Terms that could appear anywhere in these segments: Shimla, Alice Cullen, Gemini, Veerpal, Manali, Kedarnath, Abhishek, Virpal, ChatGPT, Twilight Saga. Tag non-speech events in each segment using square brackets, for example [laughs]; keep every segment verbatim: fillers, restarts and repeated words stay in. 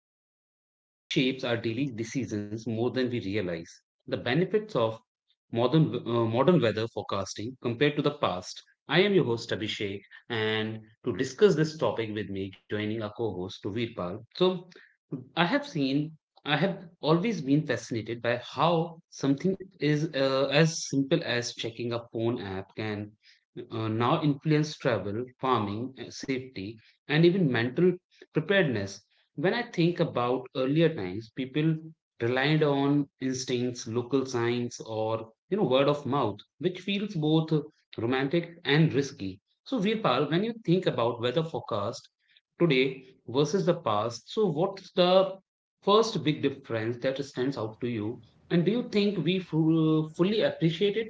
that quietly shapes our daily decisions more than we realize the benefits of modern, uh, modern weather forecasting compared to the past. I am your host, Abhishek, and to discuss this topic with me, joining our co host, Virpal. So, I have seen, I have always been fascinated by how something is uh, as simple as checking a phone app can uh, now influence travel, farming, uh, safety, and even mental preparedness. When I think about earlier times, people relied on instincts, local signs, or you know word of mouth, which feels both romantic and risky. So, Virpal, when you think about weather forecast today versus the past, so what's the first big difference that stands out to you, and do you think we fu- fully appreciate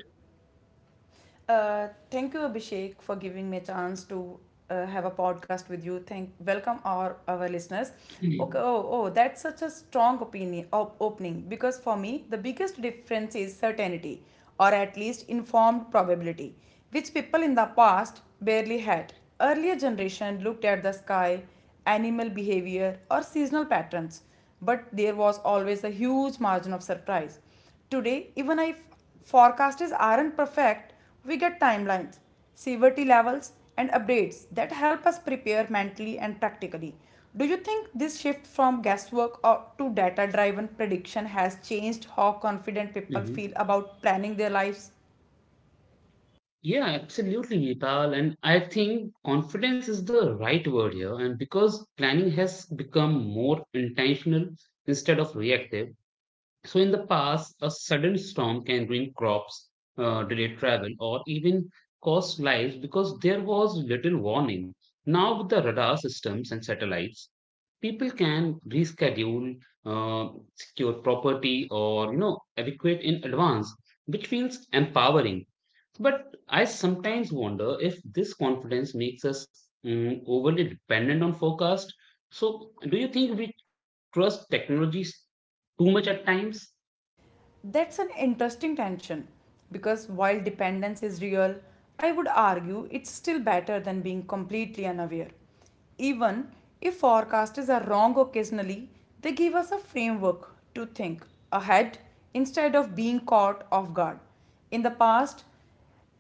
Uh, thank you, Abhishek, for giving me a chance to uh, have a podcast with you. Thank, welcome our our listeners. it? Okay, oh, oh, that's such a strong opinion op- opening because for me the biggest difference is certainty, or at least informed probability, which people in the past barely had. Earlier generation looked at the sky, animal behavior, or seasonal patterns, but there was always a huge margin of surprise. Today, even if forecasts aren't perfect, we get timelines, severity levels, and updates that help us prepare mentally and practically. Do you think this shift from guesswork or to data driven prediction has changed how confident [clears throat] people Mhm. feel about planning their lives? Yeah, absolutely, Vipal. And I think confidence is the right word here. And because planning has become more intentional instead of reactive. So, in the past, a sudden storm can ruin crops, uh, delay travel, or even cost lives because there was little warning. Now, with the radar systems and satellites, people can reschedule, uh, secure property, or you know, evacuate in advance, which feels empowering but I sometimes wonder if this confidence makes us mm, overly dependent on forecast. So, do you think we trust technologies too much at times? That's an interesting tension because while dependence is real, I would argue it's still better than being completely unaware. Even if forecasters are wrong occasionally, they give us a framework to think ahead instead of being caught off guard. In the past,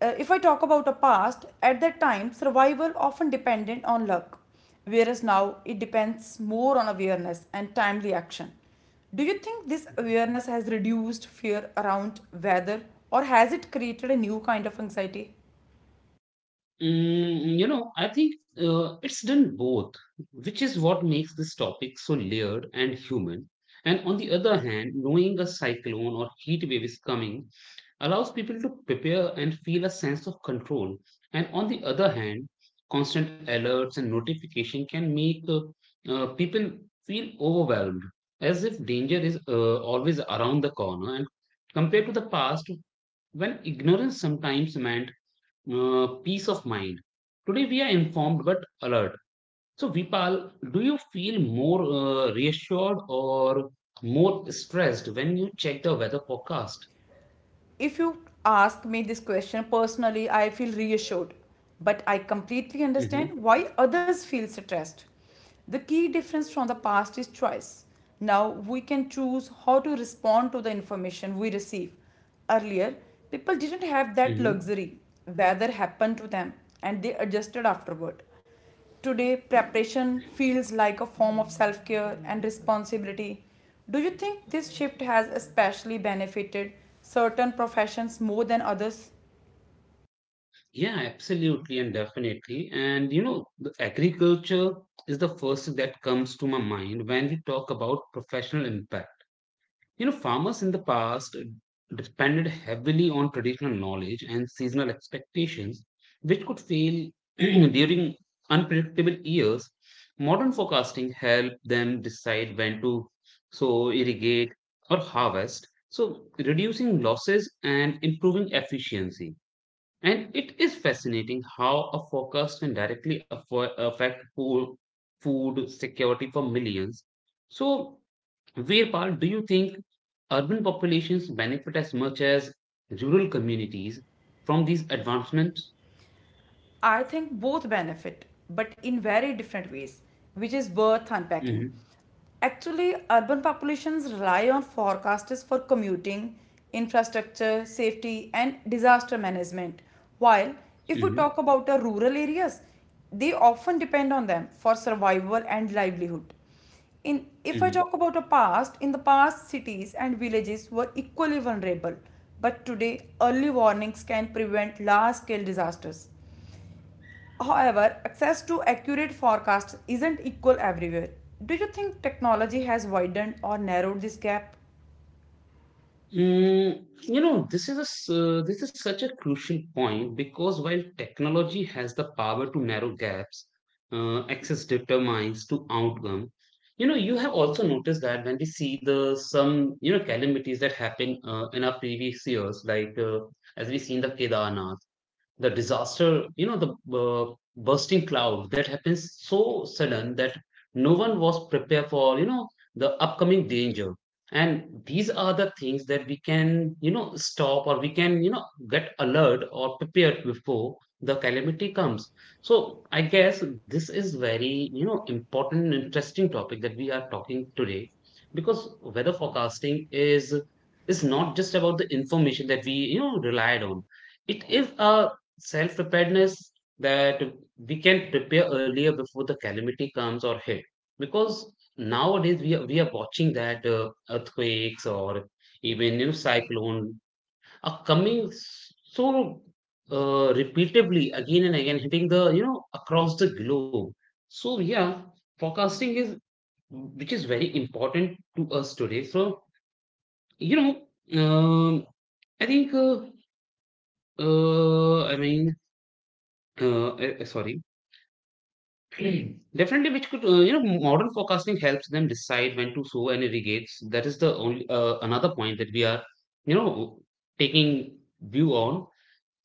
uh, if I talk about a past, at that time, survival often depended on luck, whereas now it depends more on awareness and timely action. Do you think this awareness has reduced fear around weather or has it created a new kind of anxiety? Mm, you know, I think uh, it's done both, which is what makes this topic so layered and human. And on the other hand, knowing a cyclone or heat wave is coming allows people to prepare and feel a sense of control. And on the other hand, constant alerts and notification can make uh, uh, people feel overwhelmed, as if danger is uh, always around the corner. And compared to the past, when ignorance sometimes meant uh, peace of mind. Today we are informed but alert. So, Vipal, do you feel more uh, reassured or more stressed when you check the weather forecast? If you ask me this question personally, I feel reassured, but I completely Hmm. understand why others feel stressed. The key difference from the past is choice. Now we can choose how to respond to the information we receive. Earlier, people didn't have that Hmm. luxury. Weather happened to them and they adjusted afterward. Today, preparation feels like a form of self care and responsibility. Do you think this shift has especially benefited certain professions more than others? Yeah, absolutely and definitely. And you know, the agriculture is the first thing that comes to my mind when we talk about professional impact. You know, farmers in the past depended heavily on traditional knowledge and seasonal expectations, which could fail [clears throat] during unpredictable years. Modern forecasting helped them decide when to sow, irrigate, or harvest, so reducing losses and improving efficiency. And it is fascinating how a focus can directly affo- affect food, food security for millions. So, Veerpal, do you think urban populations benefit as much as rural communities from these advancements? I think both benefit, but in very different ways, which is worth unpacking. Hmm. Actually, urban populations rely on forecasters for commuting, infrastructure, safety, and disaster management. While if we Hmm. talk about the rural areas, they often depend on them for survival and livelihood. In if I Hmm. talk about the past, in the past cities and villages were equally vulnerable, but today early warnings can prevent large scale disasters. However, access to accurate forecasts isn't equal everywhere. Do you think technology has widened or narrowed this gap? Mm, you know, this is a, s- uh, this is such a crucial point because while technology has the power to narrow gaps, uh, access determines to outcome. You know, you have also noticed that when we see the some you know calamities that happen uh, in our previous years, like uh, as we see in the Kedarnath the disaster, you know the uh, bursting cloud that happens so sudden that no one was prepared for, you know the upcoming danger. And these are the things that we can, you know stop, or we can, you know get alert or prepared before the calamity comes. So I guess this is very, you know important, interesting topic that we are talking today, because weather forecasting is is not just about the information that we, you know relied on. It is a self preparedness that we can prepare earlier before the calamity comes or hit. Because nowadays we are, we are watching that uh, earthquakes or even, you know cyclone are coming s- so uh, repeatedly again and again hitting the, you know across the globe. So yeah, forecasting is which is very important to us today. So you know um, I think uh, uh, i mean uh, eh, eh, sorry. [clears throat] Definitely, which could uh, you know modern forecasting helps them decide when to sow and irrigate. That is the only uh, another point that we are, you know taking view on.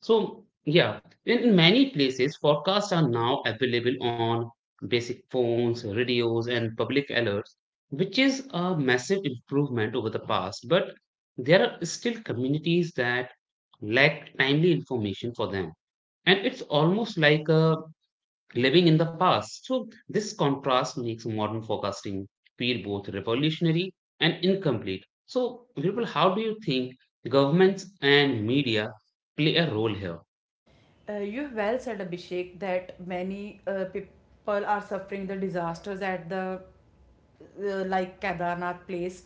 So yeah, in, in many places forecasts are now available on basic phones, radios, and public alerts, which is a massive improvement over the past. But there are still communities that lack timely information for them, and it's almost like a living in the past. So, this contrast makes modern forecasting feel both revolutionary and incomplete. So, Virpal, how do you think governments and media play a role here? Uh, you have well said, Abhishek, that many uh, people are suffering the disasters at the uh, like Kedarnath place.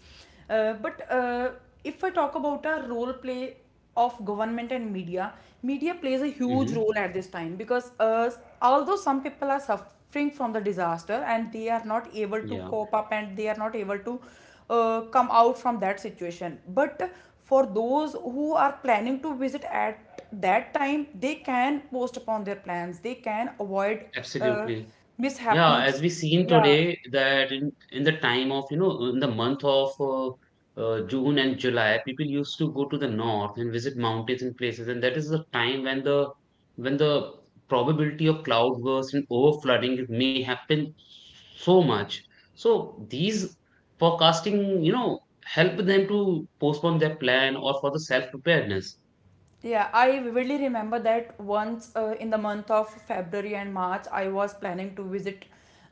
Uh, but uh, If I talk about a role play of government and media, media plays a huge Hmm. role at this time because uh, although some people are suffering from the disaster and they are not able to Yeah. cope up and they are not able to uh, come out from that situation, but for those who are planning to visit at that time, they can post upon their plans. They can avoid uh, Absolutely. Yeah, as mishappenings. we seen Yeah, today that in, in the time of, you know, in the month of uh, uh, June and July, people used to go to the north and visit mountains and places, and that is the time when the when the probability of cloud burst and over flooding may happen so much. So these forecasting, you know, help them to postpone their plan or for the self preparedness. yeah, I vividly remember that once uh, in the month of February and March, I was planning to visit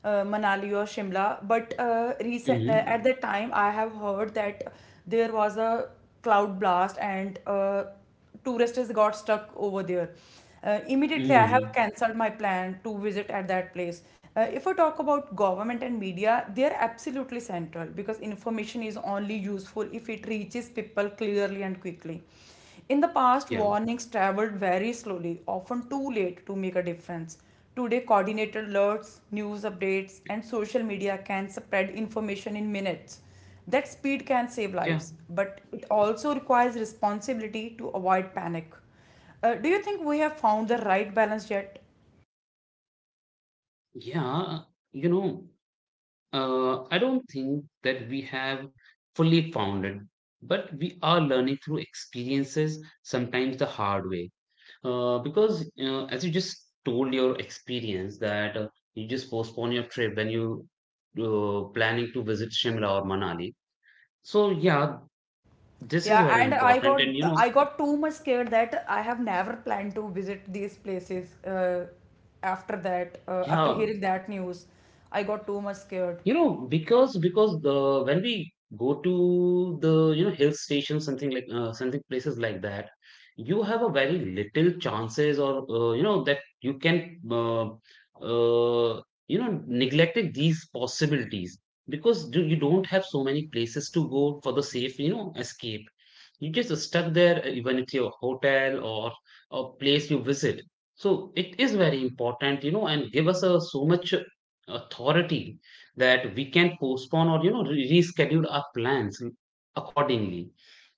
uh, Manali or Shimla. But uh, recent uh, Hmm. At that time, I have heard that there was a cloud blast and uh, tourists got stuck over there. Uh, immediately, I have Hmm. cancelled my plan to visit at that place. Uh, if I talk about government and media, they are absolutely central because information is only useful if it reaches people clearly and quickly. In the past, Yeah. warnings traveled very slowly, often too late to make a difference. Today, coordinated alerts, news updates, and social media can spread information in minutes. That speed can save Yeah. lives, but it also requires responsibility to avoid panic. Uh, do you think we have found the right balance yet? Yeah. You know. Uh, I don't think that we have fully found it, but we are learning through experiences, sometimes the hard way. Uh, because uh, as you just told your experience that uh, you just postpone your trip when you uh, planning to visit Shimla or Manali. So yeah, this is Yeah, very and I important, and you got know, I got too much scared that I have never planned to visit these places. Uh, after that, uh, after yeah. hearing that news, I got too much scared. You know, because because the when we go to the, you know hill station, something like uh, something places like that, you have a very little chances or, uh, you know that you can uh, uh, you know neglected these possibilities because you you don't have so many places to go for the safe, you know escape. You just stuck there, uh, even at your hotel or a place you visit. So it is very important, you know, and give us a so much uh, authority that we can postpone or, you know re- reschedule our plans accordingly.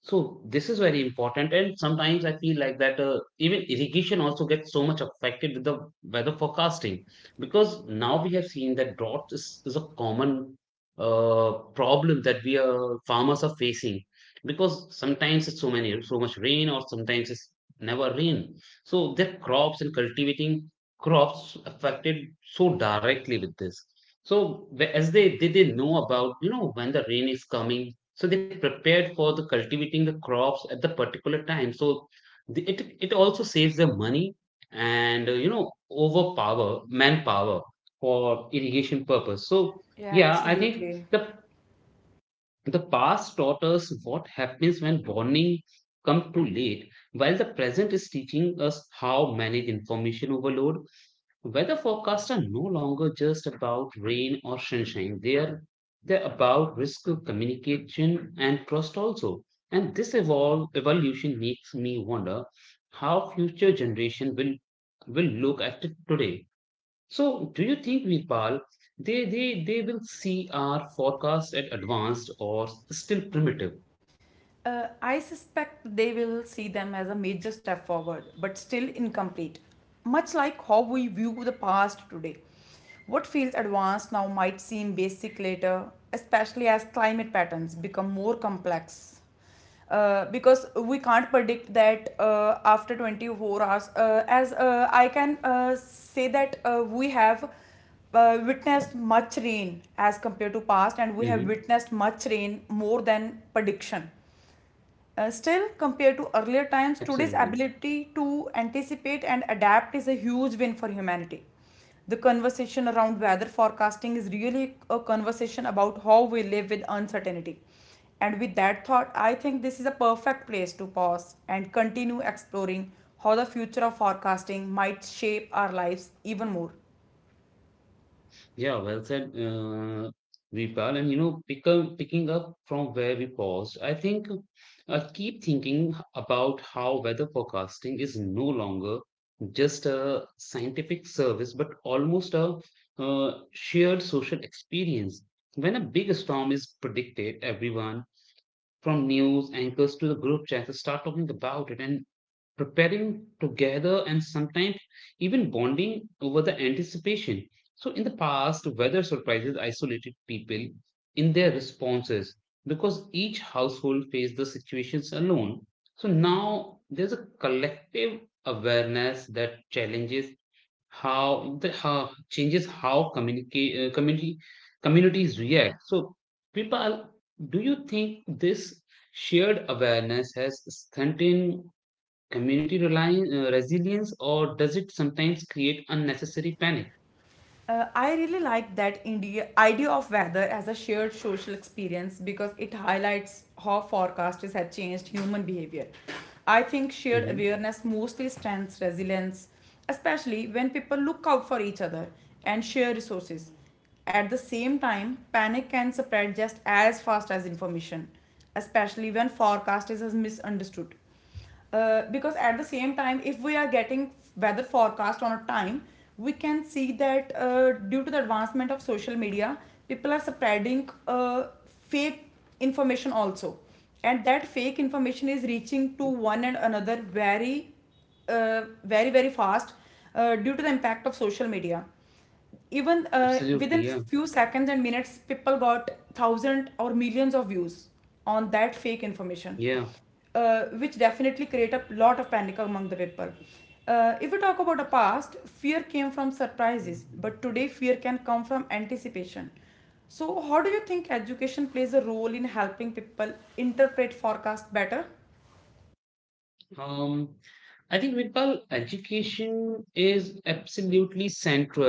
So this is very important, and sometimes I feel like that uh, even irrigation also gets so much affected with the weather forecasting. Because now we have seen that drought is, is a common uh, problem that we are farmers are facing, because sometimes it's so many so much rain or sometimes it's never rain. So their crops and cultivating crops affected so directly with this. So the- as they they they know about, you know when the rain is coming, so they prepared for the cultivating the crops at the particular time. So the, it it also saves them money and, uh, you know overpower manpower for irrigation purpose. So Yeah, yeah, I think absolutely. the the past taught us what happens when warning come too late, while the present is teaching us how manage information overload. Weather forecasts are no longer just about rain or sunshine. They are they're about risk of communication and trust also. And this evol- evolution makes me wonder how future generation will will look at it today. So, do you think Virpal, they they they will see our forecast as advanced or still primitive? Uh, I suspect they will see them as a major step forward, but still incomplete. Much like how we view the past today. What feels advanced now might seem basic later, especially as climate patterns become more complex. Uh, because we can't predict that uh, after twenty-four hours, uh, as uh, I can uh, say that uh, we have uh, witnessed much rain as compared to past, and we have Hmm. witnessed much rain more than prediction. Uh, still, compared to earlier times, Yeah, today's absolutely. ability to anticipate and adapt is a huge win for humanity. The conversation around weather forecasting is really a conversation about how we live with uncertainty. And with that thought, I think this is a perfect place to pause and continue exploring how the future of forecasting might shape our lives even more. Yeah, well said, uh, Veerpal. And you know, pick up, picking up from where we paused, I think uh, keep thinking about how weather forecasting is no longer just a scientific service, but almost a uh, shared social experience. When a big storm is predicted, everyone from news anchors to the group chats start talking about it, and preparing together and sometimes even bonding over the anticipation. So, in the past, weather surprises isolated people in their responses because each household faced the situations alone. So, now there's a collective awareness that challenges how the how, changes how communicate uh, community communities react. So, people, do you think this shared awareness has strengthened community reliance, uh, resilience, or does it sometimes create unnecessary panic? Uh, I really like that India idea of weather as a shared social experience because it highlights how forecasts have changed human behavior. I think shared Mhm. awareness mostly strengthens resilience, especially when people look out for each other and share resources. At the same time, panic can spread just as fast as information, especially when forecast is misunderstood, uh, because at the same time if we are getting weather forecast on a time we can see that uh, due to the advancement of social media people are spreading uh, fake information also, and that fake information is reaching to one and another very uh, very very fast uh, due to the impact of social media. Even uh, Absolutely, within yeah, few seconds and minutes people got thousands or millions of views on that fake information, yeah. uh, which definitely create a lot of panic among the people. Uh, if we talk about the past, fear came from surprises, but today fear can come from anticipation. So, how do you think education plays a role in helping people interpret forecast better? Um, I think Vidpal, education is absolutely central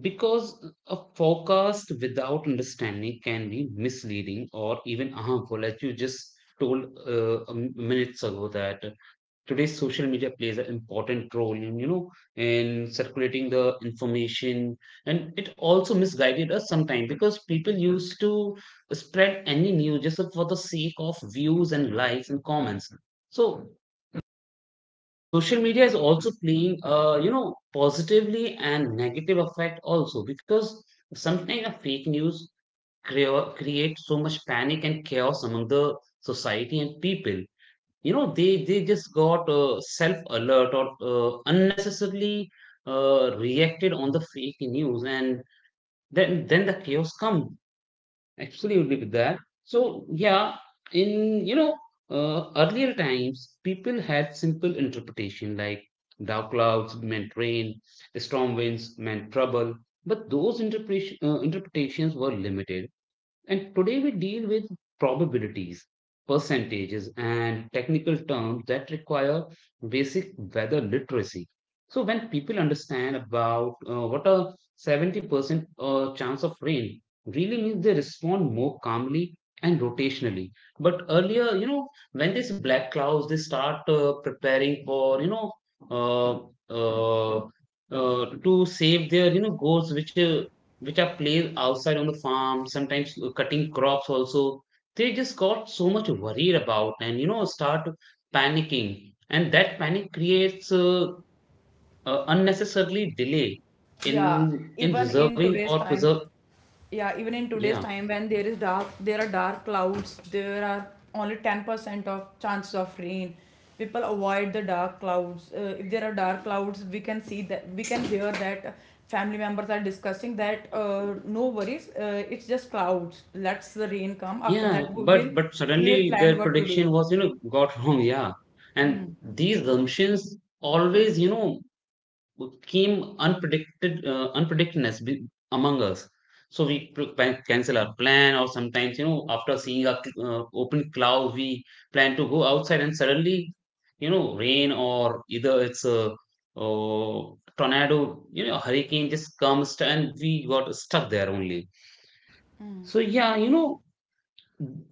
because a forecast without understanding can be misleading or even harmful, as you just told uh, a m- minutes ago that today's social media plays an important role in, you know in circulating the information. And it also misguided us sometimes because people used to spread any news just for the sake of views and likes and comments. So social media is also playing uh you know positively and negative effect also, because sometimes a fake news crea- create so much panic and chaos among the society and people. You know, they they just got uh, self alert or uh, unnecessarily uh, reacted on the fake news, and then then the chaos come absolutely with that. So yeah, in you know uh, earlier times people had simple interpretation like dark clouds meant rain, storm winds meant trouble. But those interpretation, uh, interpretations were limited, and today we deal with probabilities, percentages, and technical terms that require basic weather literacy. So when people understand about uh, what a seventy percent uh, chance of rain really means, they respond more calmly and rotationally. But earlier, you know, when these black clouds, they start uh, preparing for, you know, uh, uh, uh, to save their, you know, goals which uh, which are played outside on the farm, sometimes cutting crops also. They just got so much worried about and you know start panicking, and that panic creates uh, uh, unnecessarily delay Yeah, in in even in reserving today's or time, preserve. yeah, even in today's Yeah, time when there is dark, there are dark clouds, there are only ten percent of chances of rain. People avoid the dark clouds. Uh, if there are dark clouds, we can see that, we can hear that family members are discussing that uh, no worries, uh, it's just clouds. Let's the rain come. After yeah, that, we will but but we will suddenly plan their what to prediction do. was you know got [laughs] wrong. Yeah, and these assumptions always you know came unpredicted uh, unpredictedness be- among us so we pl- pan- cancel our plan or sometimes you know after seeing a cl- uh, open cloud we plan to go outside and suddenly you know rain or either it's a, uh tornado, you know, hurricane just comes and we got stuck there only. So yeah, you know,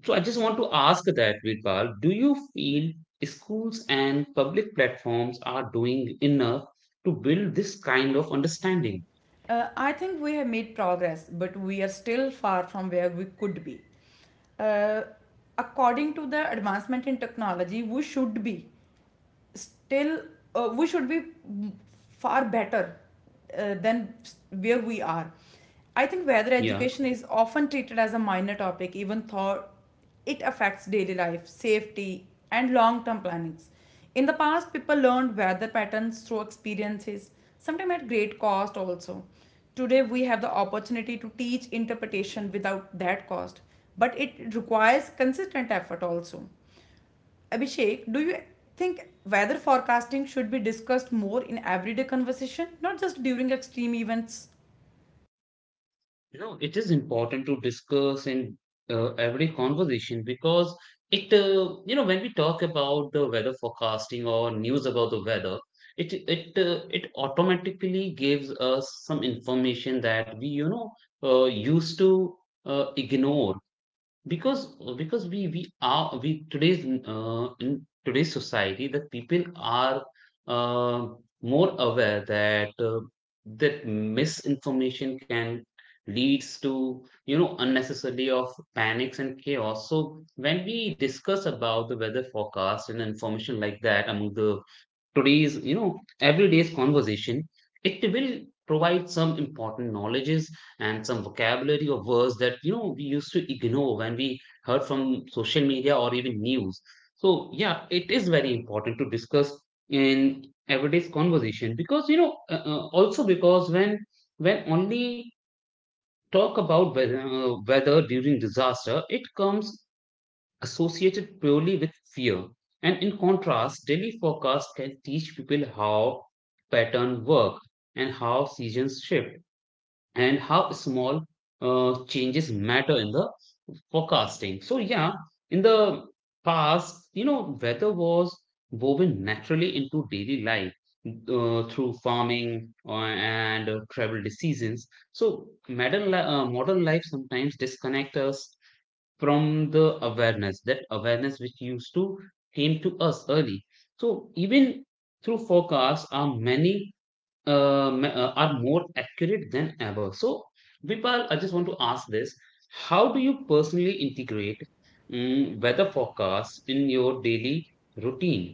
so I just want to ask that, Virpal, do you feel schools and public platforms are doing enough to build this kind of understanding? Uh, I think we have made progress, but we are still far from where we could be. Uh, According to the advancement in technology, we should be still uh, we should be far better uh, than where we are. I think whether Yeah, education is often treated as a minor topic, even though it affects daily life, safety, and long term plannings. In the past, people learned weather patterns through experiences, sometimes at great cost also. Today, we have the opportunity to teach interpretation without that cost, but it requires consistent effort also. Abhishek, do you think weather forecasting should be discussed more in everyday conversation, not just during extreme events? you know, it is important to discuss in uh, every conversation because it, uh, you know, when we talk about the weather forecasting or news about the weather, it it uh, it automatically gives us some information that we, you know, uh, used to uh, ignore because because we we are we today's uh, in today's society that people are uh, more aware that uh, that misinformation can leads to you know unnecessarily of panics and chaos. So when we discuss about the weather forecast and information like that among the today's you know everyday's conversation, it will provide some important knowledges and some vocabulary or words that you know we used to ignore when we heard from social media or even news. So yeah, it is very important to discuss in everyday's conversation because you know uh, uh, also because when when only talk about whe- uh, weather during disaster, it comes associated purely with fear. And in contrast, daily forecasts can teach people how patterns work and how seasons shift and how small uh, changes matter in the forecasting. So yeah, in the past, you know, weather was woven naturally into daily life uh, through farming uh, and uh, travel decisions. So modern li- uh, modern life sometimes disconnects us from the awareness, that awareness which used to came to us early. So even through forecasts are many uh, ma- uh, are more accurate than ever. So Vipal, I just want to ask this: how do you personally integrate mm, weather forecasts in your daily routine?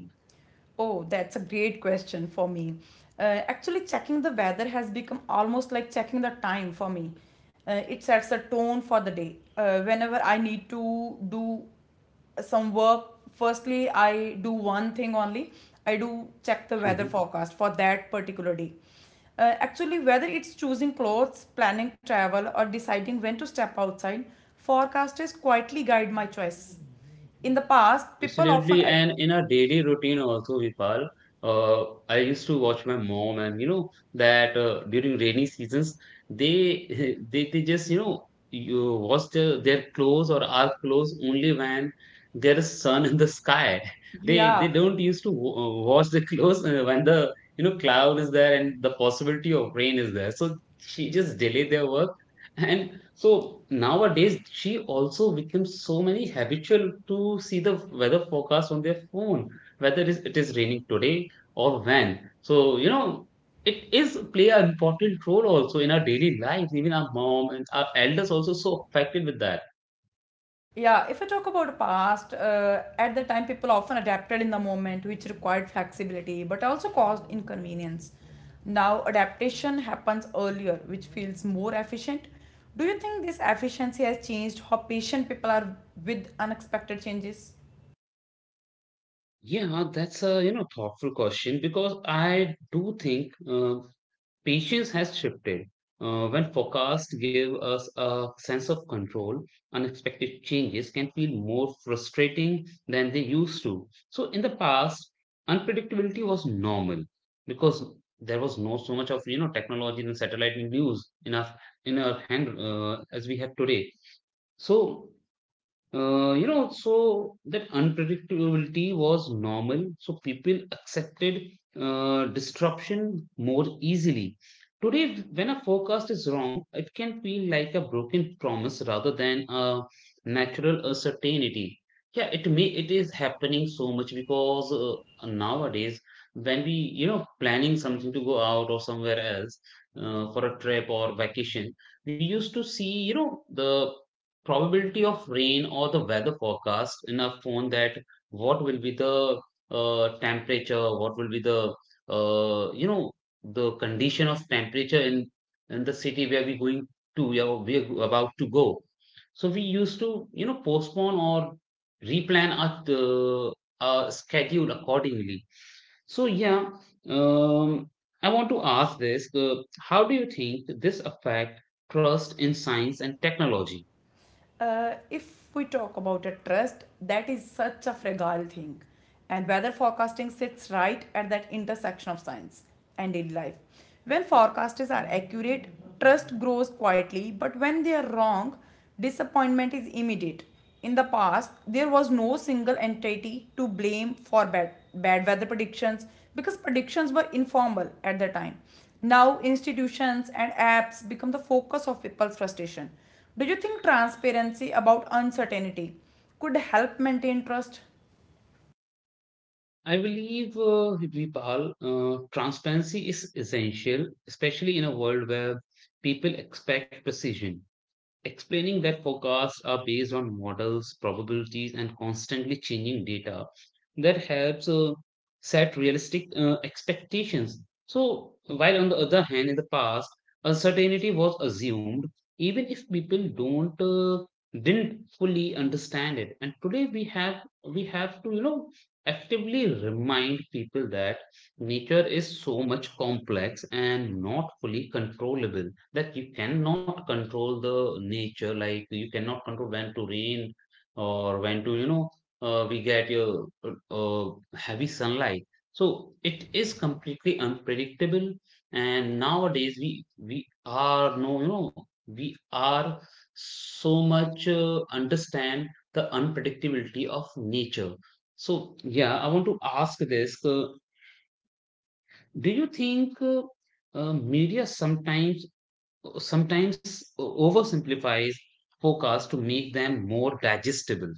Oh, that's a great question for me. Uh, actually, checking the weather has become almost like checking the time for me. Uh, it sets a tone for the day. Uh, whenever I need to do some work, firstly, I do one thing only. I do check the weather forecast for that particular day. Uh, actually, whether it's choosing clothes, planning travel, or deciding when to step outside, forecasters quietly guide my choice. In the past, people often, Absolutely, and in our daily routine also, Vipal, uh, I used to watch my mom, and you know that uh, during rainy seasons, they [laughs] they they just you know you wash their, their clothes or our clothes only when there is sun in the sky. [laughs] They they yeah, don't used to wa- uh, wash the clothes uh, when the you know cloud is there and the possibility of rain is there. So she just delay their work, and so nowadays, she also becomes so many habitual to see the weather forecast on their phone, whether it is, it is raining today or when. So you know, it is play an important role also in our daily lives. Even our mom and our elders also so affected with that. yeah, if I talk about past, uh, at the time people often adapted in the moment, which required flexibility but also caused inconvenience. Now, adaptation happens earlier, which feels more efficient. Do you think this efficiency has changed how patient people are with unexpected changes? Yeah, that's a you know thoughtful question because I do think uh, patience has shifted. Uh, when forecasts give us a sense of control, unexpected changes can feel more frustrating than they used to. So, in the past, unpredictability was normal because there was no so much of you know technology and satellite news enough in our hand uh, as we have today. So uh, you know, so that unpredictability was normal. So people accepted uh, disruption more easily. Today, when a forecast is wrong, it can feel like a broken promise rather than a natural uh, certainty. Yeah, it may it is happening so much because uh, nowadays when we you know planning something to go out or somewhere else uh, for a trip or vacation, we used to see you know the probability of rain or the weather forecast in a phone that what will be the uh, temperature, what will be the uh, you know the condition of temperature in in the city where we're going to, yeah, we're about to go. So we used to you know postpone or replan our uh, our schedule accordingly. So yeah, um, I want to ask this: uh, how do you think this affect trust in science and technology? Uh, if we talk about a trust, that is such a fragile thing. And weather forecasting sits right at that intersection of science and in life. When forecasts are accurate, trust grows quietly, but when they are wrong, disappointment is immediate. In the past, there was no single entity to blame for bad, bad weather predictions because predictions were informal at the time. Now, institutions and apps become the focus of people's frustration. Do you think transparency about uncertainty could help maintain trust? I believe, uh, Vipal, uh, transparency is essential, especially in a world where people expect precision. Explaining that forecasts are based on models, probabilities, and constantly changing data, that helps uh, set realistic uh, expectations. So, while on the other hand, in the past, uncertainty was assumed even if people don't uh, didn't fully understand it, and today we have we have to you know actively remind people that nature is so much complex and not fully controllable, that you cannot control the nature. Like you cannot control when to rain or when to, you know, uh, we get your uh, uh, heavy sunlight. So it is completely unpredictable. And nowadays we we are no, you know, we are so much uh, understand the unpredictability of nature. So yeah, I want to ask this. Uh, do you think uh, uh, media sometimes sometimes oversimplifies forecasts to make them more digestible?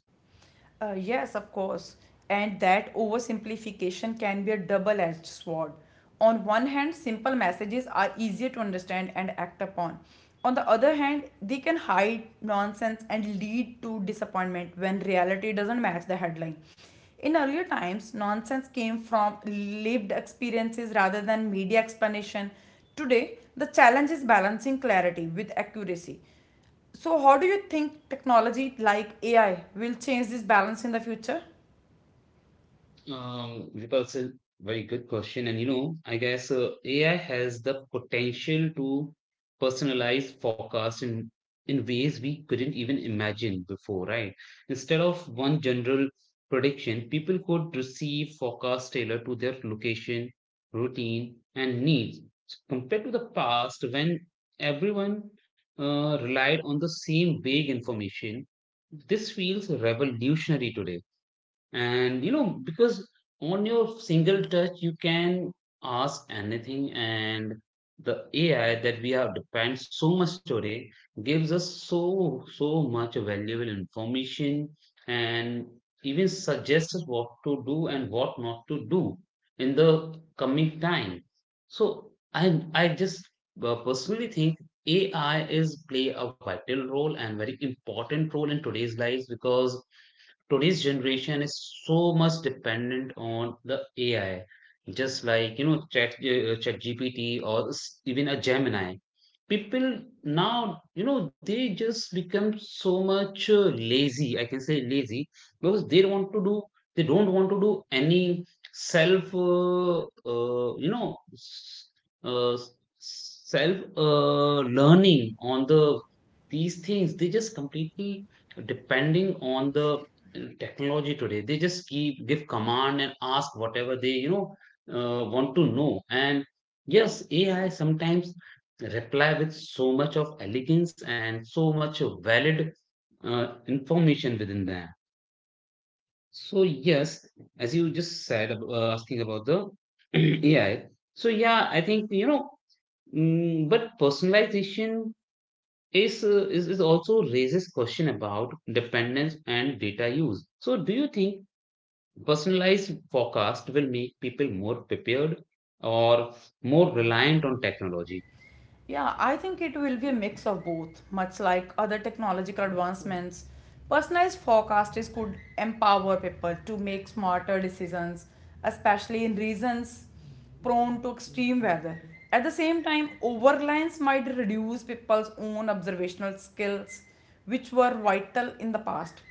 Uh, yes, of course. And that oversimplification can be a double edged sword. On one hand, simple messages are easier to understand and act upon. On the other hand, they can hide nonsense and lead to disappointment when reality doesn't match the headline. In earlier times, nonsense came from lived experiences rather than media explanation. Today, the challenge is balancing clarity with accuracy. So, how do you think technology like A I will change this balance in the future? Um, Vipul, it's a very good question. And you know, I guess uh, A I has the potential to personalize forecasts in, in ways we couldn't even imagine before, right? Instead of one general prediction, people could receive forecasts tailored to their location, routine, and needs. Compared to the past, when everyone uh, relied on the same vague information, this feels revolutionary today. And you know, because on your single touch you can ask anything, and the AI that we have depend so much today gives us so so much valuable information, and even suggests us what to do and what not to do in the coming time. So i i just uh, personally think AI is play a vital role and very important role in today's lives because today's generation is so much dependent on the A I, just like you know Chat uh, G P T or s- even a Gemini. People now, you know, they just become so much uh, lazy. I can say lazy because they don't want to do. They don't want to do any self, uh, uh, you know, s- uh, s- self uh, learning on the these things. They just completely depending on the technology today. They just keep give command and ask whatever they you know uh, want to know. And yes, AI sometimes reply with so much of elegance and so much of valid uh, information within that. So yes, as you just said ab- uh, asking about the [clears throat] AI, so yeah I think you know, mm, but personalization is, uh, is is also raises question about dependence and data use. So do you think personalized forecast will make people more prepared or more reliant on technology? Yeah, I think it will be a mix of both, much like other technological advancements. Personalized forecasters could empower people to make smarter decisions, especially in regions prone to extreme weather. At the same time, overreliance might reduce people's own observational skills, which were vital in the past.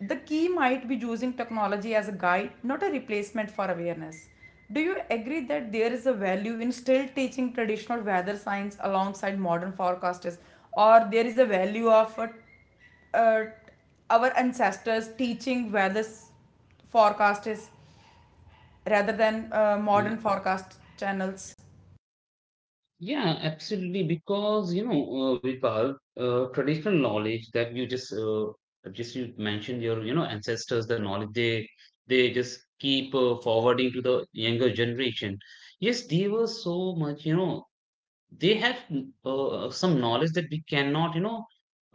The key might be using technology as a guide, not a replacement for awareness. Do you agree that there is a value in still teaching traditional weather science alongside modern forecasters, or there is a value of uh, uh, our ancestors teaching weather forecasters rather than uh, modern Y- forecast channels? Yeah, absolutely. Because you know, uh, Vipal, uh, traditional knowledge that you just uh, just you mentioned your you know ancestors, the knowledge they they just keep uh, forwarding to the younger generation. Yes, they were so much you know they have uh, uh, some knowledge that we cannot you know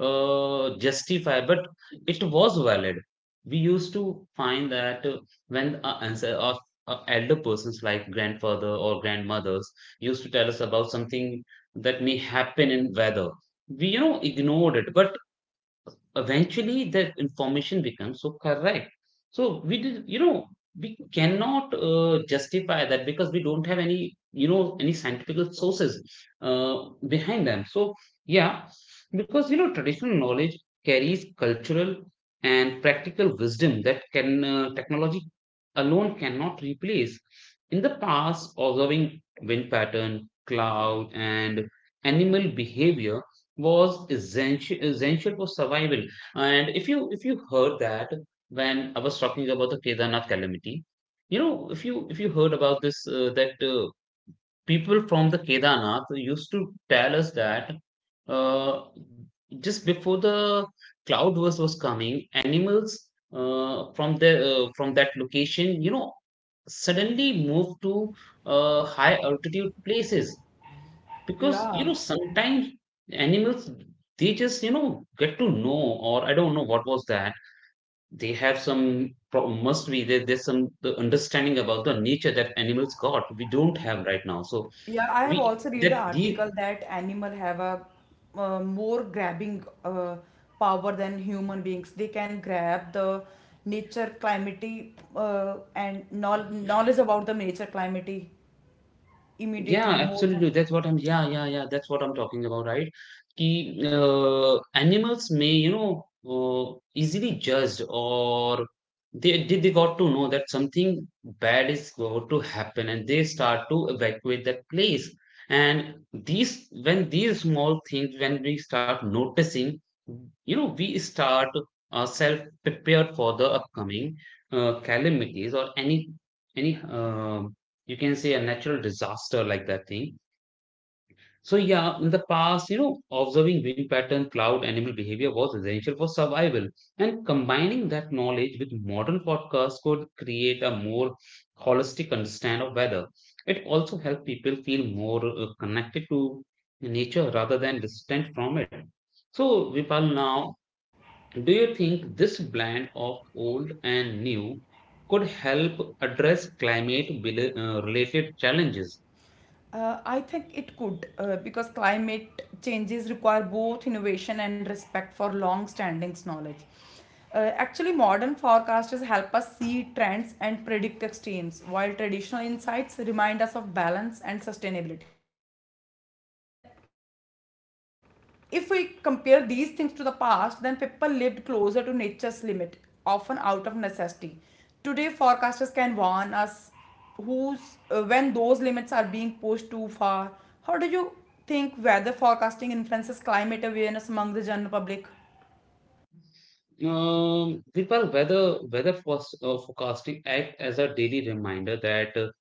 uh, justify, but it was valid. We used to find that uh, when our, ancestor, our, our elder persons like grandfather or grandmothers used to tell us about something that may happen in weather, we you know ignored it, but eventually that information becomes so correct. So we did you know we cannot uh, justify that because we don't have any you know any scientific sources uh, behind them. So yeah, because you know traditional knowledge carries cultural and practical wisdom that can uh, technology alone cannot replace. In the past, observing wind pattern, cloud, and animal behavior was essential, essential for survival. And if you if you heard that when I was talking about the Kedarnath calamity, you know, if you if you heard about this uh, that uh, people from the Kedarnath used to tell us that uh, just before the cloud was was coming, animals uh, from the uh, from that location, you know, suddenly moved to uh, high altitude places because you Yeah. know sometimes animals they just you know get to know, or I don't know what was that. They have some prob- must be there, there's some the understanding about the nature that animals got we don't have right now. So Yeah, I have we also read the that the article that animal have a uh, more grabbing uh, power than human beings. They can grab the nature, climate, uh, and knowl- knowledge about the nature, climate Yeah, immediately more absolutely. than. That's what I'm. Yeah, yeah, yeah. That's what I'm talking about, right? Ki, uh, animals may, you know, uh, easily judge or they they they got to know that something bad is going to happen, and they start to evacuate that place. And these, when these small things, when we start noticing, you know, we start uh, self prepared for the upcoming uh, calamities or any any uh, you can say a natural disaster like that thing. So yeah, in the past, you know, observing wind pattern, cloud, animal behavior was essential for survival. And combining that knowledge with modern forecasts could create a more holistic understand of weather. It also helped people feel more uh, connected to nature rather than distant from it. So Vipal, now, do you think this blend of old and new could help address climate bel- uh, related challenges? Uh, I think it could uh, because climate changes require both innovation and respect for long standing knowledge. Uh, actually, modern forecasters help us see trends and predict extremes, while traditional insights remind us of balance and sustainability. Uh, if we compare these things to the past, then people lived closer to nature's limit, often out of necessity. Today, forecasters can warn us who's uh, when those limits are being pushed too far. How do you think weather forecasting influences climate awareness among the general public? Um, Kripal, weather weather forecast- uh, forecasting act as a daily reminder that uh,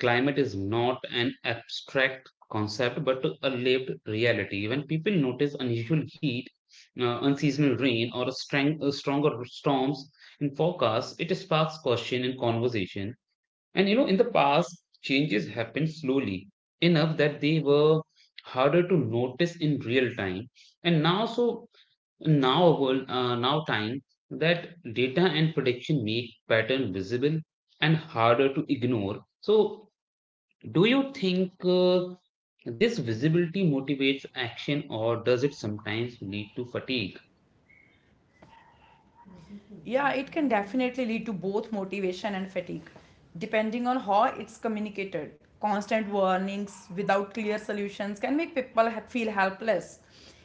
climate is not an abstract concept but a lived reality. When people notice unusual heat, uh, unseasonal rain, or a strong, uh, stronger storms in forecasts, it sparks question and conversation. And you know, in the past, changes happened slowly enough that they were harder to notice in real time. And now, so now, whole- uh, now time that data and prediction make pattern visible and harder to ignore. So, do you think uh, this visibility motivates action or does it sometimes lead to fatigue? Yeah, it can definitely lead to both motivation and fatigue, depending on how it's communicated. Constant warnings without clear solutions can make people ha- feel helpless.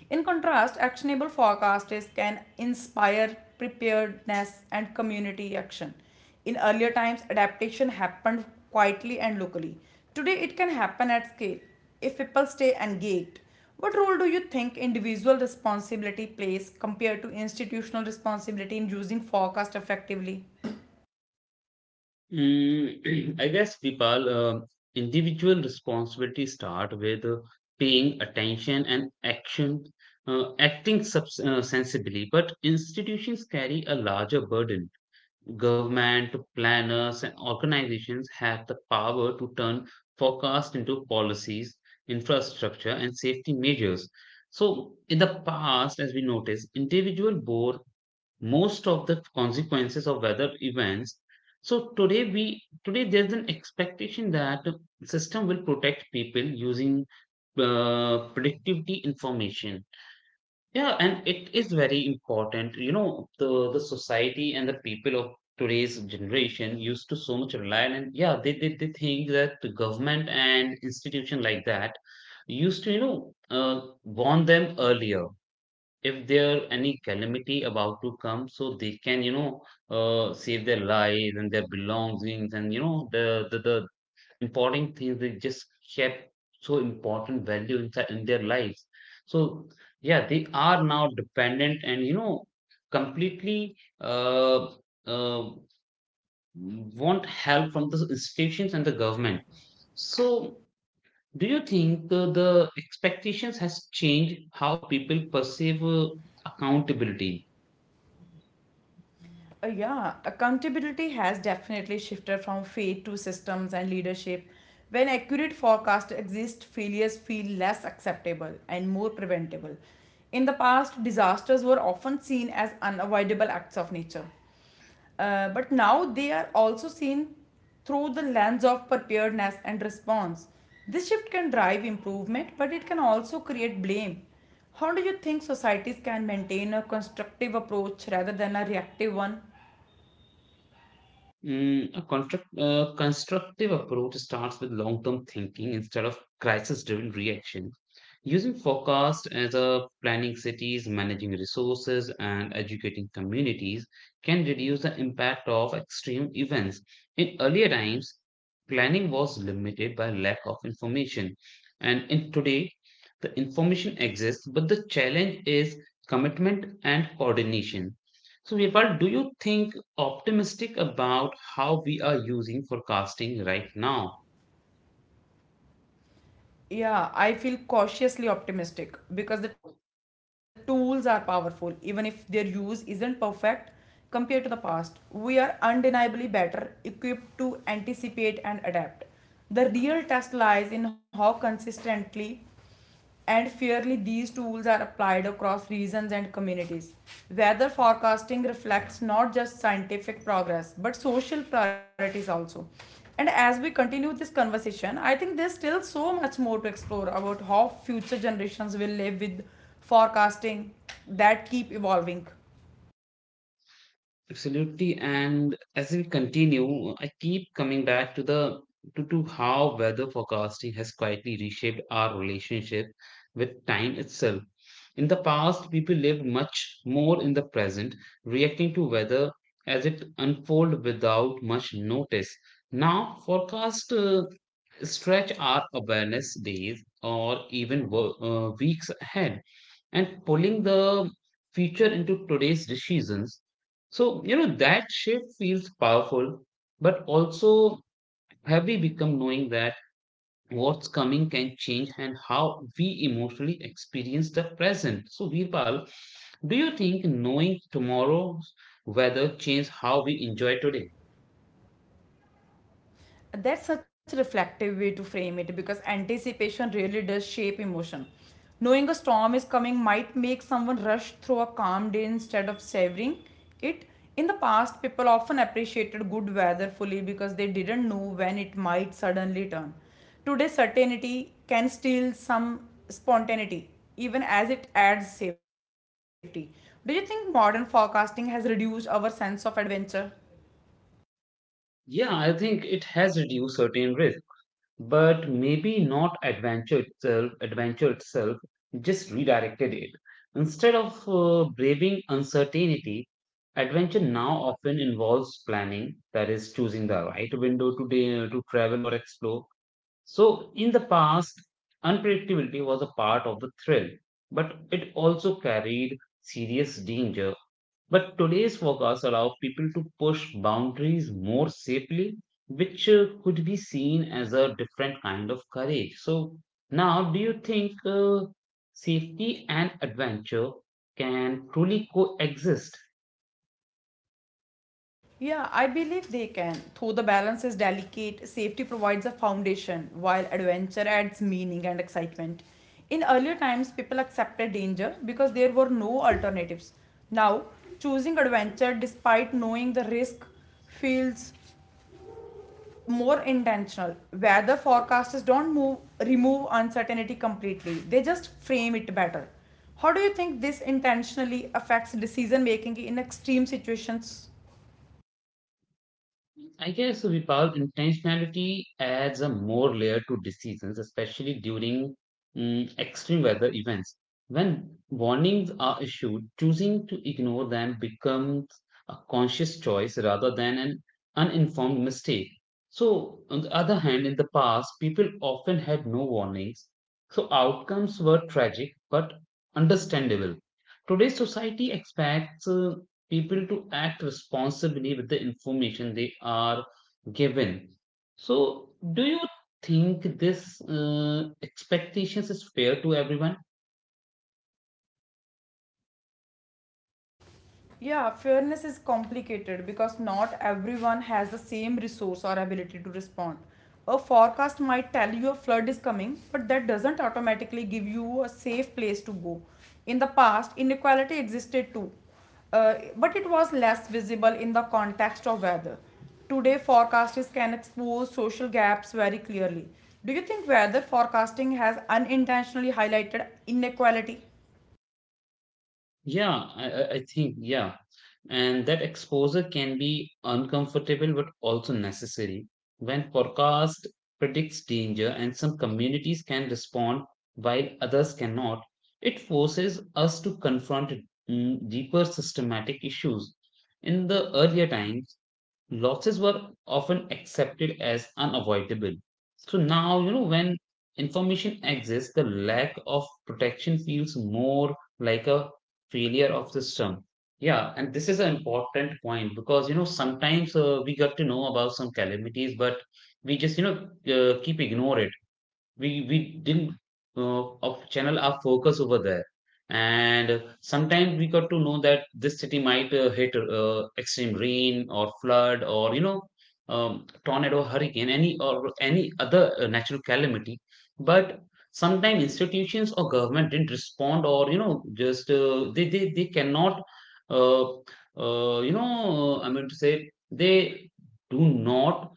In contrast, actionable forecasts can inspire preparedness and community action. In earlier times, adaptation happened quietly and locally. Today, it can happen at scale if people stay engaged. What role do you think individual responsibility plays compared to institutional responsibility in using forecast effectively? Mm, [clears throat] I guess, Vipal, uh, individual responsibility start with uh, paying attention and action, uh, acting subs- uh, sensibly, but institutions carry a larger burden. Government, planners, and organizations have the power to turn forecasts into policies, infrastructure, and safety measures. So, in the past, as we notice, individual bore most of the consequences of weather events. So today we today there's an expectation that system will protect people using uh, predictivity information, yeah, and it is very important. You know, the the society and the people of today's generation used to so much rely on, and yeah, they, they they think that the government and institution like that used to, you know, uh, warn them earlier if there any calamity about to come so they can, you know, uh, save their lives and their belongings, and you know the the, the important things they just kept so important value inside in their lives. So yeah, they are now dependent and you know completely uh, uh, want help from the institutions and the government. So do you think uh, the expectations has changed how people perceive uh, accountability? Uh, yeah, accountability has definitely shifted from fate to systems and leadership. When accurate forecasts exist, failures feel less acceptable and more preventable. In the past, disasters were often seen as unavoidable acts of nature. Uh, but now they are also seen through the lens of preparedness and response. This shift can drive improvement, but it can also create blame. How do you think societies can maintain a constructive approach rather than a reactive one? Mm, a construct, uh, constructive approach starts with long term thinking instead of crisis driven reaction. Using forecast as a planning cities, managing resources, and educating communities can reduce the impact of extreme events. In earlier times, planning was limited by lack of information, and in today, the information exists, but the challenge is commitment and coordination. So, Virpal, do you think optimistic about how we are using forecasting right now? Yeah, I feel cautiously optimistic because the tools are powerful, even if their use isn't perfect compared to the past. We are undeniably better equipped to anticipate and adapt. The real test lies in how consistently and fairly these tools are applied across regions and communities. Weather forecasting reflects not just scientific progress but social priorities also. And as we continue this conversation, I think there's still so much more to explore about how future generations will live with forecasting that keep evolving. Absolutely. And as we continue, I keep coming back to the to, to how weather forecasting has quietly reshaped our relationship with time itself. In the past, people lived much more in the present, reacting to weather as it unfolded without much notice. Now, forecasts uh, stretch our awareness days or even wo- uh, weeks ahead and pulling the future into today's decisions. So, you know, that shift feels powerful, but also heavy become knowing that what's coming can change and how we emotionally experience the present. So, Virpal, do you think knowing tomorrow's weather changed how we enjoy today? That's such a reflective way to frame it because anticipation really does shape emotion. Knowing a storm is coming might make someone rush through a calm day instead of savoring it. In the past, people often appreciated good weather fully because they didn't know when it might suddenly turn. Today, certainty can steal some spontaneity, even as it adds safety. Do you think modern forecasting has reduced our sense of adventure? Yeah, I think it has reduced certain risk but maybe not adventure itself adventure itself just redirected it. Instead of uh, braving uncertainty, adventure now often involves planning, that is choosing the right window to da- to travel or explore. So in the past, unpredictability was a part of the thrill, but it also carried serious danger. But today's forecasts allow people to push boundaries more safely, which uh, could be seen as a different kind of courage. So, now do you think uh, safety and adventure can truly coexist? Yeah, I believe they can. Though the balance is delicate, safety provides a foundation while adventure adds meaning and excitement. In earlier times, people accepted danger because there were no alternatives. Now, choosing adventure despite knowing the risk feels more intentional. Weather forecasters don't move, remove uncertainty completely, they just frame it better. How do you think this intentionally affects decision making in extreme situations? I guess, Vipal, intentionality adds a more layer to decisions, especially during mm, extreme weather events. When warnings are issued, choosing to ignore them becomes a conscious choice rather than an uninformed mistake. So, on the other hand, in the past, people often had no warnings, so outcomes were tragic but understandable. Today's society expects uh, people to act responsibly with the information they are given. So, do you think this uh, expectations is fair to everyone? Yeah, fairness is complicated because not everyone has the same resource or ability to respond. A forecast might tell you a flood is coming, but that doesn't automatically give you a safe place to go. In the past, inequality existed too, uh, but it was less visible in the context of weather. Today forecasters can expose social gaps very clearly. Do you think weather forecasting has unintentionally highlighted inequality? Yeah, I, I I think yeah, and that exposure can be uncomfortable but also necessary. When forecast predicts danger and some communities can respond while others cannot, it forces us to confront mm, deeper systematic issues. In the earlier times, losses were often accepted as unavoidable. So now, you know, when information exists, the lack of protection feels more like a failure of the system. Yeah, and this is an important point because, you know, sometimes uh, we got to know about some calamities, but we just, you know, uh, keep ignore it. We we didn't uh, of channel our focus over there. And sometimes we got to know that this city might uh, hit uh, extreme rain or flood, or you know, um, tornado, hurricane, any or any other uh, natural calamity. But sometimes institutions or government didn't respond, or you know, just uh, they, they they cannot uh, uh, you know uh, I mean to say they do not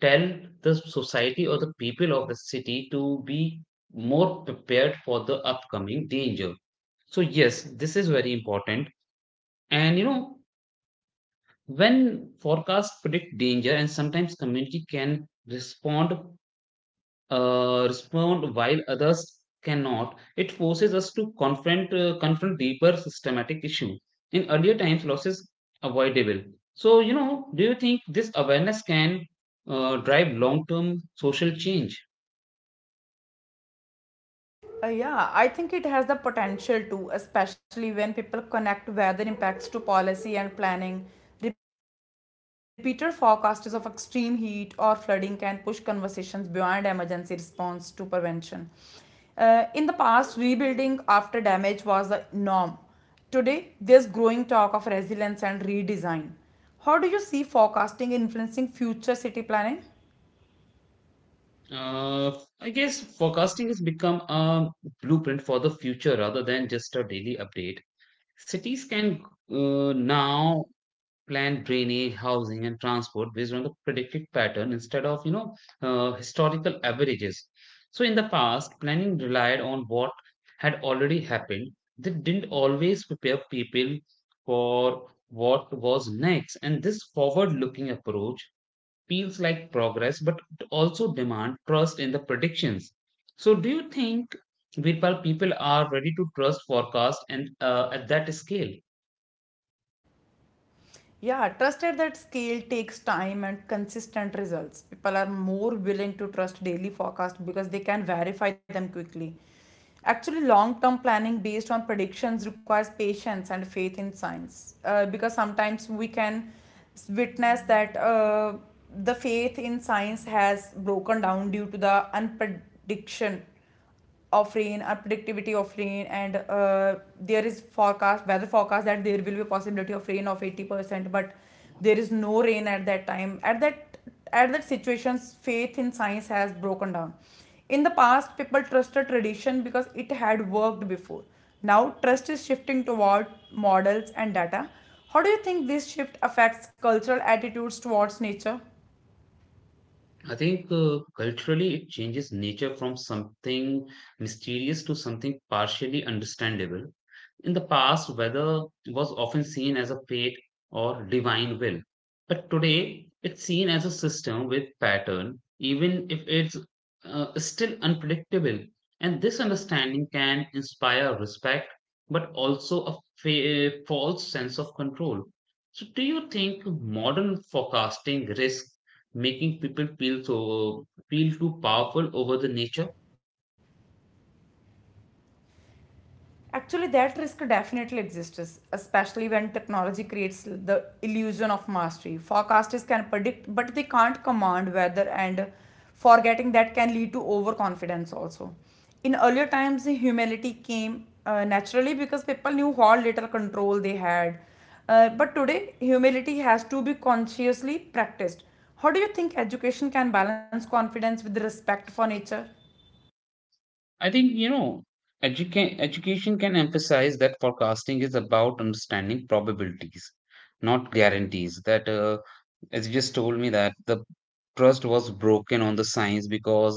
tell the society or the people of the city to be more prepared for the upcoming danger. So, yes, this is very important. And you know, when forecasts predict danger, and sometimes community can respond, uh, respond while others cannot, it forces us to confront uh, confront deeper systematic issue. In earlier times, losses avoidable. So, you know, do you think this awareness can uh, drive long term social change? Uh, yeah, I think it has the potential to, especially when people connect weather impacts to policy and planning. Repeated forecasts of extreme heat or flooding can push conversations beyond emergency response to prevention. Uh, in the past, rebuilding after damage was the norm. Today, there's growing talk of resilience and redesign. How do you see forecasting influencing future city planning? Uh, I guess forecasting has become a blueprint for the future rather than just a daily update. Cities can uh, now plan drainage, housing, and transport based on the predicted pattern instead of, you know, uh, historical averages. So in the past, planning relied on what had already happened. They didn't always prepare people for what was next, and this forward-looking approach feels like progress, but it also demand trust in the predictions. So, do you think Virpal people are ready to trust forecast and uh, at that scale? Yeah, trust at that scale takes time and consistent results. People are more willing to trust daily forecast because they can verify them quickly. Actually, long term planning based on predictions requires patience and faith in science uh, because sometimes we can s- witness that uh, the faith in science has broken down due to the unprediction of rain or predictivity of rain, and uh, there is forecast weather forecast that there will be a possibility of rain of eighty percent, but there is no rain at that time, at that, at that situations faith in science has broken down. In the past, people trusted tradition because it had worked before. Now trust is shifting toward models and data. How do you think this shift affects cultural attitudes towards nature? I think uh, culturally it changes nature from something mysterious to something partially understandable. In the past, weather was often seen as a fate or divine will. But today, it's seen as a system with pattern, even if it's uh, still unpredictable. And this understanding can inspire respect, but also a fa- false sense of control. So, do you think modern forecasting risk making people feel so feel too powerful over the nature? Actually, that risk definitely exists, especially when technology creates the illusion of mastery. Forecasters can predict, but they can't command weather, and forgetting that can lead to overconfidence also. In earlier times, humility came uh, naturally because people knew how little control they had. Uh, but today, humility has to be consciously practiced. How do you think education can balance confidence with respect for nature? I think you know educa- education can emphasize that forecasting is about understanding probabilities, not guarantees. That uh, as you just told me that the trust was broken on the science because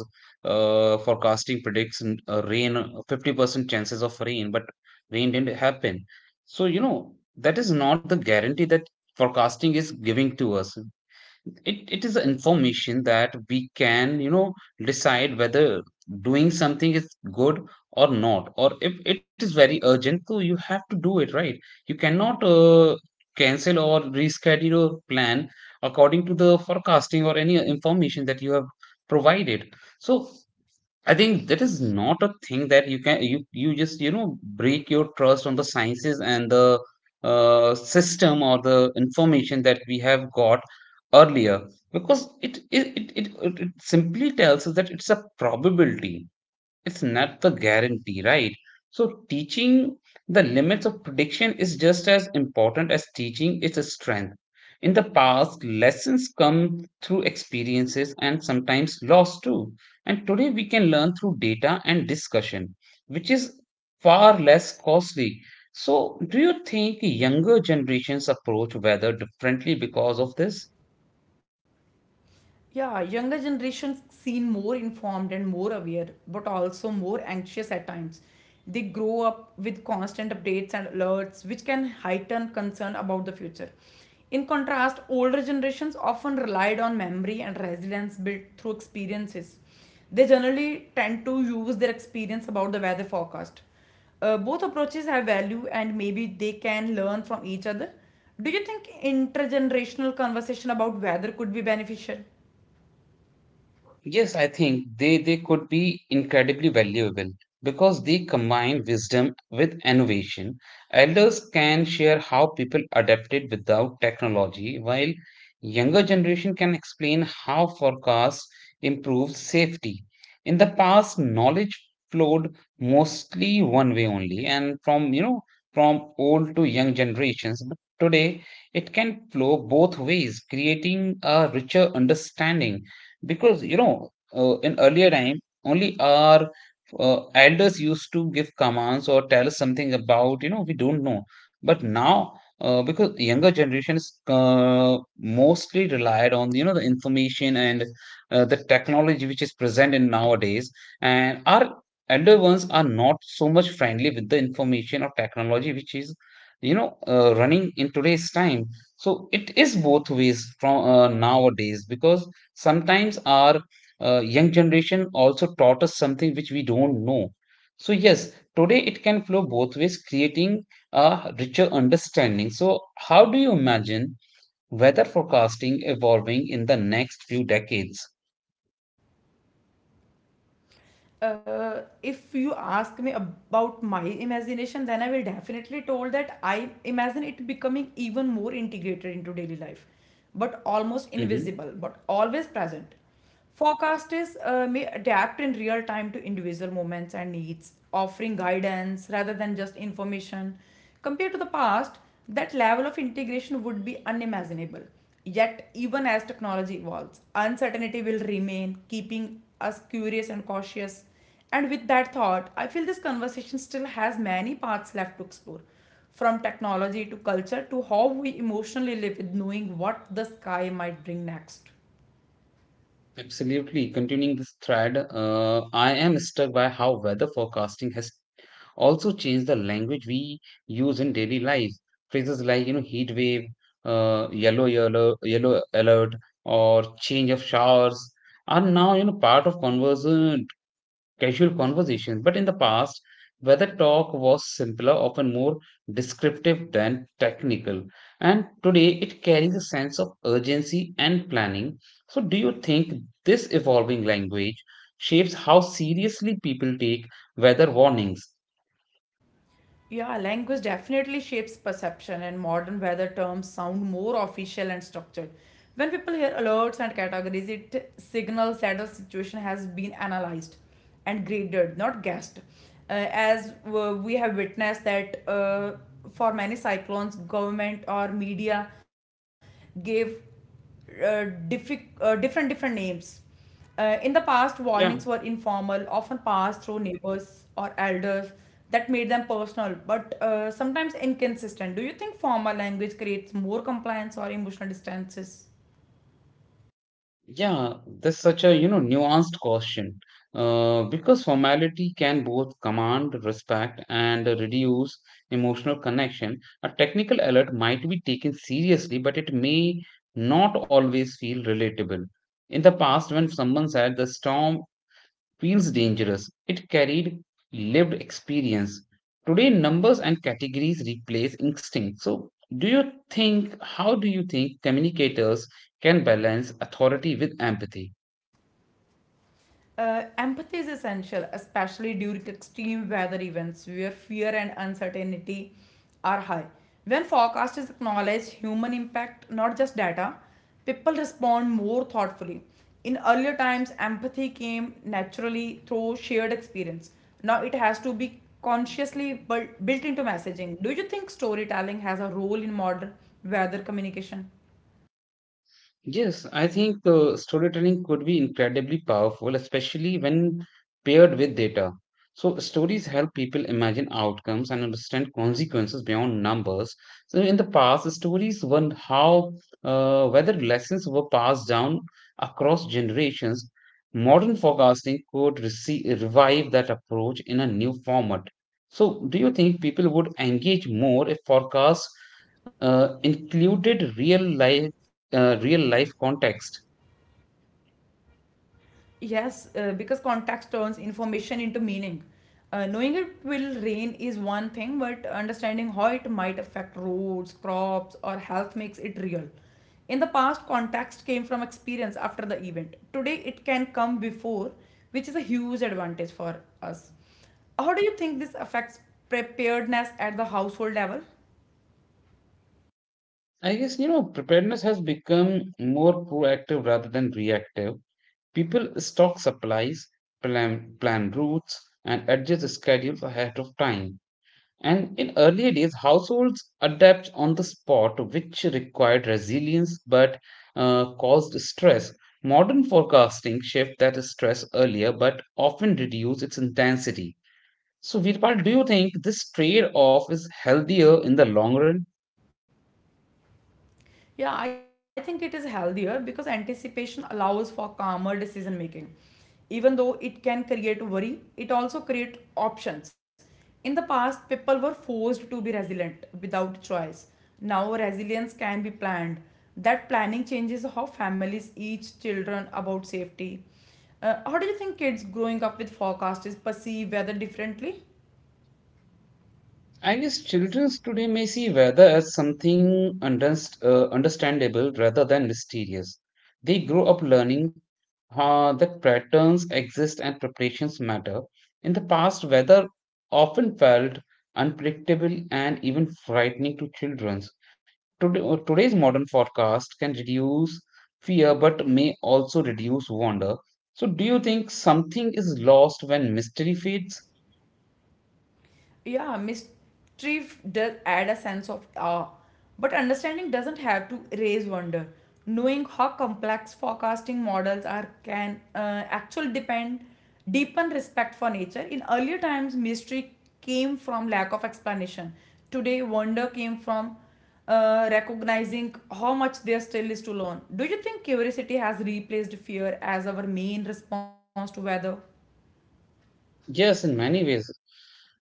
uh, forecasting predicts n- uh, rain, uh, fifty percent chances of rain, but rain didn't happen. So you know that is not the guarantee that forecasting is giving to us. It, it is information that we can, you know, decide whether doing something is good or not, or if it is very urgent so you have to do it, right? You cannot uh, cancel or reschedule your plan according to the forecasting or any information that you have provided. So I think that is not a thing that you can you you just you know break your trust on the sciences and the uh, system or the information that we have got earlier. Because it it, it it it simply tells us that it's a probability, it's not the guarantee, right? So, teaching the limits of prediction is just as important as teaching its strength. In the past, lessons come through experiences and sometimes loss too. And today we can learn through data and discussion, which is far less costly. So, do you think younger generations approach weather differently because of this? Yeah, younger generations seem more informed and more aware, but also more anxious at times. They grow up with constant updates and alerts, which can heighten concern about the future. In contrast, older generations often relied on memory and resilience built through experiences. They generally tend to use their experience about the weather forecast. Uh, both approaches have value and maybe they can learn from each other. Do you think intergenerational conversation about weather could be beneficial? Yes, I think they, they could be incredibly valuable because they combine wisdom with innovation. Elders can share how people adapted without technology, while younger generation can explain how forecasts improved safety. In the past, knowledge flowed mostly one way only, and from, you know, from old to young generations. But today, it can flow both ways, creating a richer understanding because you know uh, in earlier time only our uh, elders used to give commands or tell us something about you know we don't know but now, uh, because younger generations uh, mostly relied on you know the information and uh, the technology which is present in nowadays. And our elder ones are not so much friendly with the information or technology which is you know uh, running in today's time. So it is both ways from uh, nowadays because sometimes our uh, young generation also taught us something which we don't know. So yes, today it can flow both ways, creating a richer understanding. So how do you imagine weather forecasting evolving in the next few decades? Uh, if you ask me about my imagination, then I will definitely told that I imagine it becoming even more integrated into daily life, but almost Hmm. invisible but always present. Forecasters uh, may adapt in real time to individual moments and needs, offering guidance rather than just information. Compared to the past, that level of integration would be unimaginable. Yet, even as technology evolves, uncertainty will remain, keeping us curious and cautious. And with that thought, I feel this conversation still has many paths left to explore from technology to culture to how we emotionally live with knowing what the sky might bring next. Absolutely. Continuing this thread, uh, I am struck by how weather forecasting has also change the language we use in daily life. Phrases like, you know, heat wave, uh, yellow, yellow, yellow alert, or change of showers are now, you know, part of converse, uh, casual conversations. But in the past, weather talk was simpler, often more descriptive than technical. And today it carries a sense of urgency and planning. So, do you think this evolving language shapes how seriously people take weather warnings? Yeah, language definitely shapes perception, and modern weather terms sound more official and structured. When people hear alerts and categories, it signals that a situation has been analyzed and graded, not guessed. Uh, as uh, we have witnessed that uh, for many cyclones, government or media gave uh, diffi- uh, different different names. Uh, in the past, Yeah, warnings were informal, often passed through neighbors or elders. That made them personal, but uh, sometimes inconsistent. Do you think formal language creates more compliance or emotional distances? Yeah, that's such a, you know, nuanced question. Uh, because formality can both command respect and reduce emotional connection. A technical alert might be taken seriously, but it may not always feel relatable. In the past, when someone said the storm feels dangerous, it carried lived experience. Today, numbers and categories replace instinct. So, do you think, how do you think communicators can balance authority with empathy? Uh, empathy is essential, especially during extreme weather events where fear and uncertainty are high. When forecasters acknowledge human impact, not just data, people respond more thoughtfully. In earlier times, empathy came naturally through shared experience. Now it has to be consciously built, built into messaging. Do you think storytelling has a role in modern weather communication? Yes, I think uh, storytelling could be incredibly powerful, especially when paired with data. So, stories help people imagine outcomes and understand consequences beyond numbers. So, in the past, stories were how uh, whether lessons were passed down across generations. Modern forecasting could receive, revive that approach in a new format. So, do you think people would engage more if forecasts uh, included real life? Uh, real life context? Yes, uh, because context turns information into meaning. Uh, knowing it will rain is one thing, but understanding how it might affect roads, crops, or health makes it real. In the past, context came from experience after the event. Today, it can come before, which is a huge advantage for us. How do you think this affects preparedness at the household level? I guess, you know, preparedness has become more proactive rather than reactive. People stock supplies, plan, plan routes, and adjust the schedules ahead of time. And in earlier days, households adapt on the spot, which required resilience but uh, caused stress. Modern forecasting shifts that stress earlier but often reduce its intensity. So, Virpal, do you think this trade off is healthier in the long run? Yeah, I think it is healthier because anticipation allows for calmer decision making. Even though it can create worry, it also creates options. In the past, people were forced to be resilient without choice. Now, resilience can be planned. That planning changes how families teach children about safety. Uh, how do you think kids growing up with forecast is perceived rather differently? I guess children today may see weather as something underst- uh, understandable rather than mysterious. They grow up learning uh, that patterns exist and preparations matter. In the past, weather often felt unpredictable and even frightening to children. Today, uh, today's modern forecast can reduce fear but may also reduce wonder. So, do you think something is lost when mystery fades? Yeah, mystery f- does add a sense of awe, but understanding doesn't have to raise wonder. Knowing how complex forecasting models are can uh, actually depend deepen respect for nature. In earlier times, mystery came from lack of explanation. Today wonder came from uh, recognizing how much there still is to learn. Do you think curiosity has replaced fear as our main response to weather? Yes, in many ways.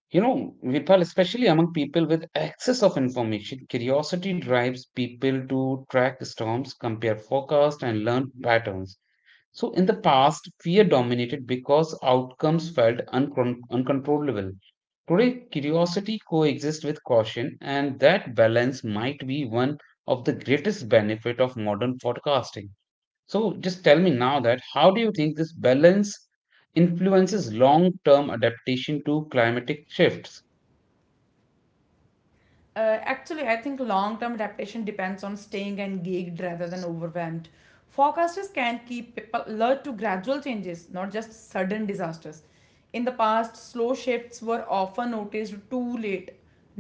You know, Virpal, especially among people with access of information, curiosity drives people to track storms, compare forecasts, and learn patterns. So, in the past, fear dominated because outcomes felt uncon- uncontrollable. Today, curiosity coexists with caution, and that balance might be one of the greatest benefit of modern forecasting. So, just tell me now that how do you think this balance influences long-term adaptation to climatic shifts? Uh, actually, I think long term adaptation depends on staying engaged rather than overwhelmed. Forecasters can keep people alert to gradual changes, not just sudden disasters. In the past, slow shifts were often noticed too late.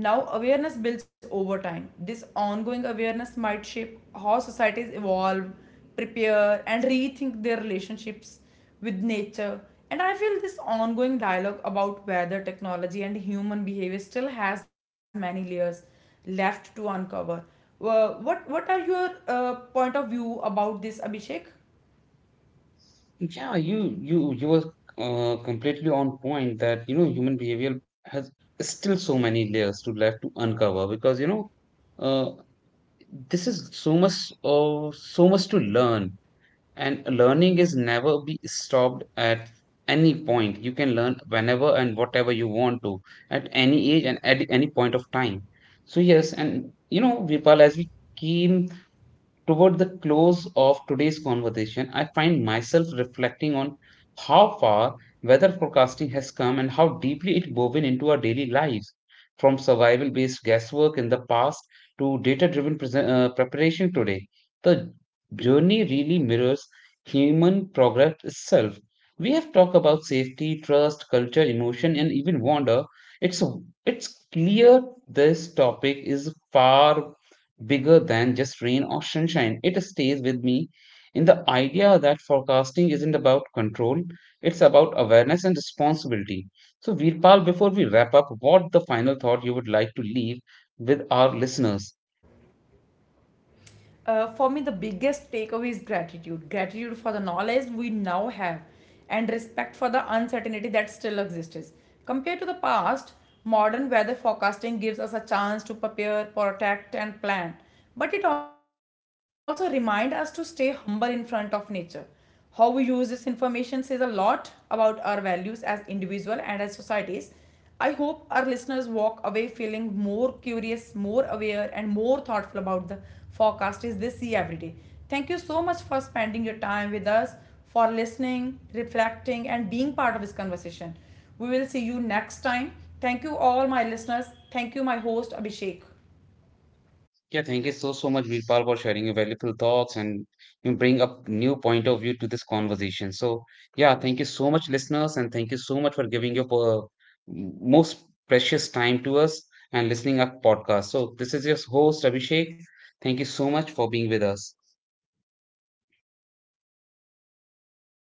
Now, awareness builds over time. This ongoing awareness might shape how societies evolve, prepare, and rethink their relationships with nature. And I feel this ongoing dialogue about whether technology and human behavior still has many layers left to uncover. Uh, what what are your uh, point of view about this, Abhishek? Yeah, you you you were uh, completely on point that, you know, human behavior has still so many layers to left to uncover because, you know, uh, this is so much uh, so much to learn, and learning is never be stopped at any point. You can learn whenever and whatever you want to at any age and at any point of time. So yes, and you know, Vipal, as we came toward the close of today's conversation, I find myself reflecting on how far weather forecasting has come and how deeply it woven into our daily lives, from survival based guesswork in the past to data driven uh, preparation today. The journey really mirrors human progress itself. We have talked about safety, trust, culture, emotion, and even wonder. It's, it's clear this topic is far bigger than just rain or sunshine. It stays with me in the idea that forecasting isn't about control, it's about awareness and responsibility. So, Veerpal, before we wrap up, what the final thought you would like to leave with our listeners? Uh, for me the biggest takeaway is gratitude gratitude for the knowledge we now have and respect for the uncertainty that still exists. Compared to the past, modern weather forecasting gives us a chance to prepare, protect and plan, but it also reminds us to stay humble in front of nature. How we use this information says a lot about our values as individuals and as societies. I hope our listeners walk away feeling more curious, more aware, and more thoughtful about the forecasters they see every day. Thank you so much for spending your time with us, for listening, reflecting, and being part of this conversation. We will see you next time. Thank you, all my listeners. Thank you, my host, Abhishek. Yeah, thank you so, so much, Virpal, for sharing your valuable thoughts and you bring up new point of view to this conversation. So, yeah, thank you so much, listeners, and thank you so much for giving your uh, most precious time to us and listening our podcast. So, this is your host, Abhishek. Thank you so much for being with us.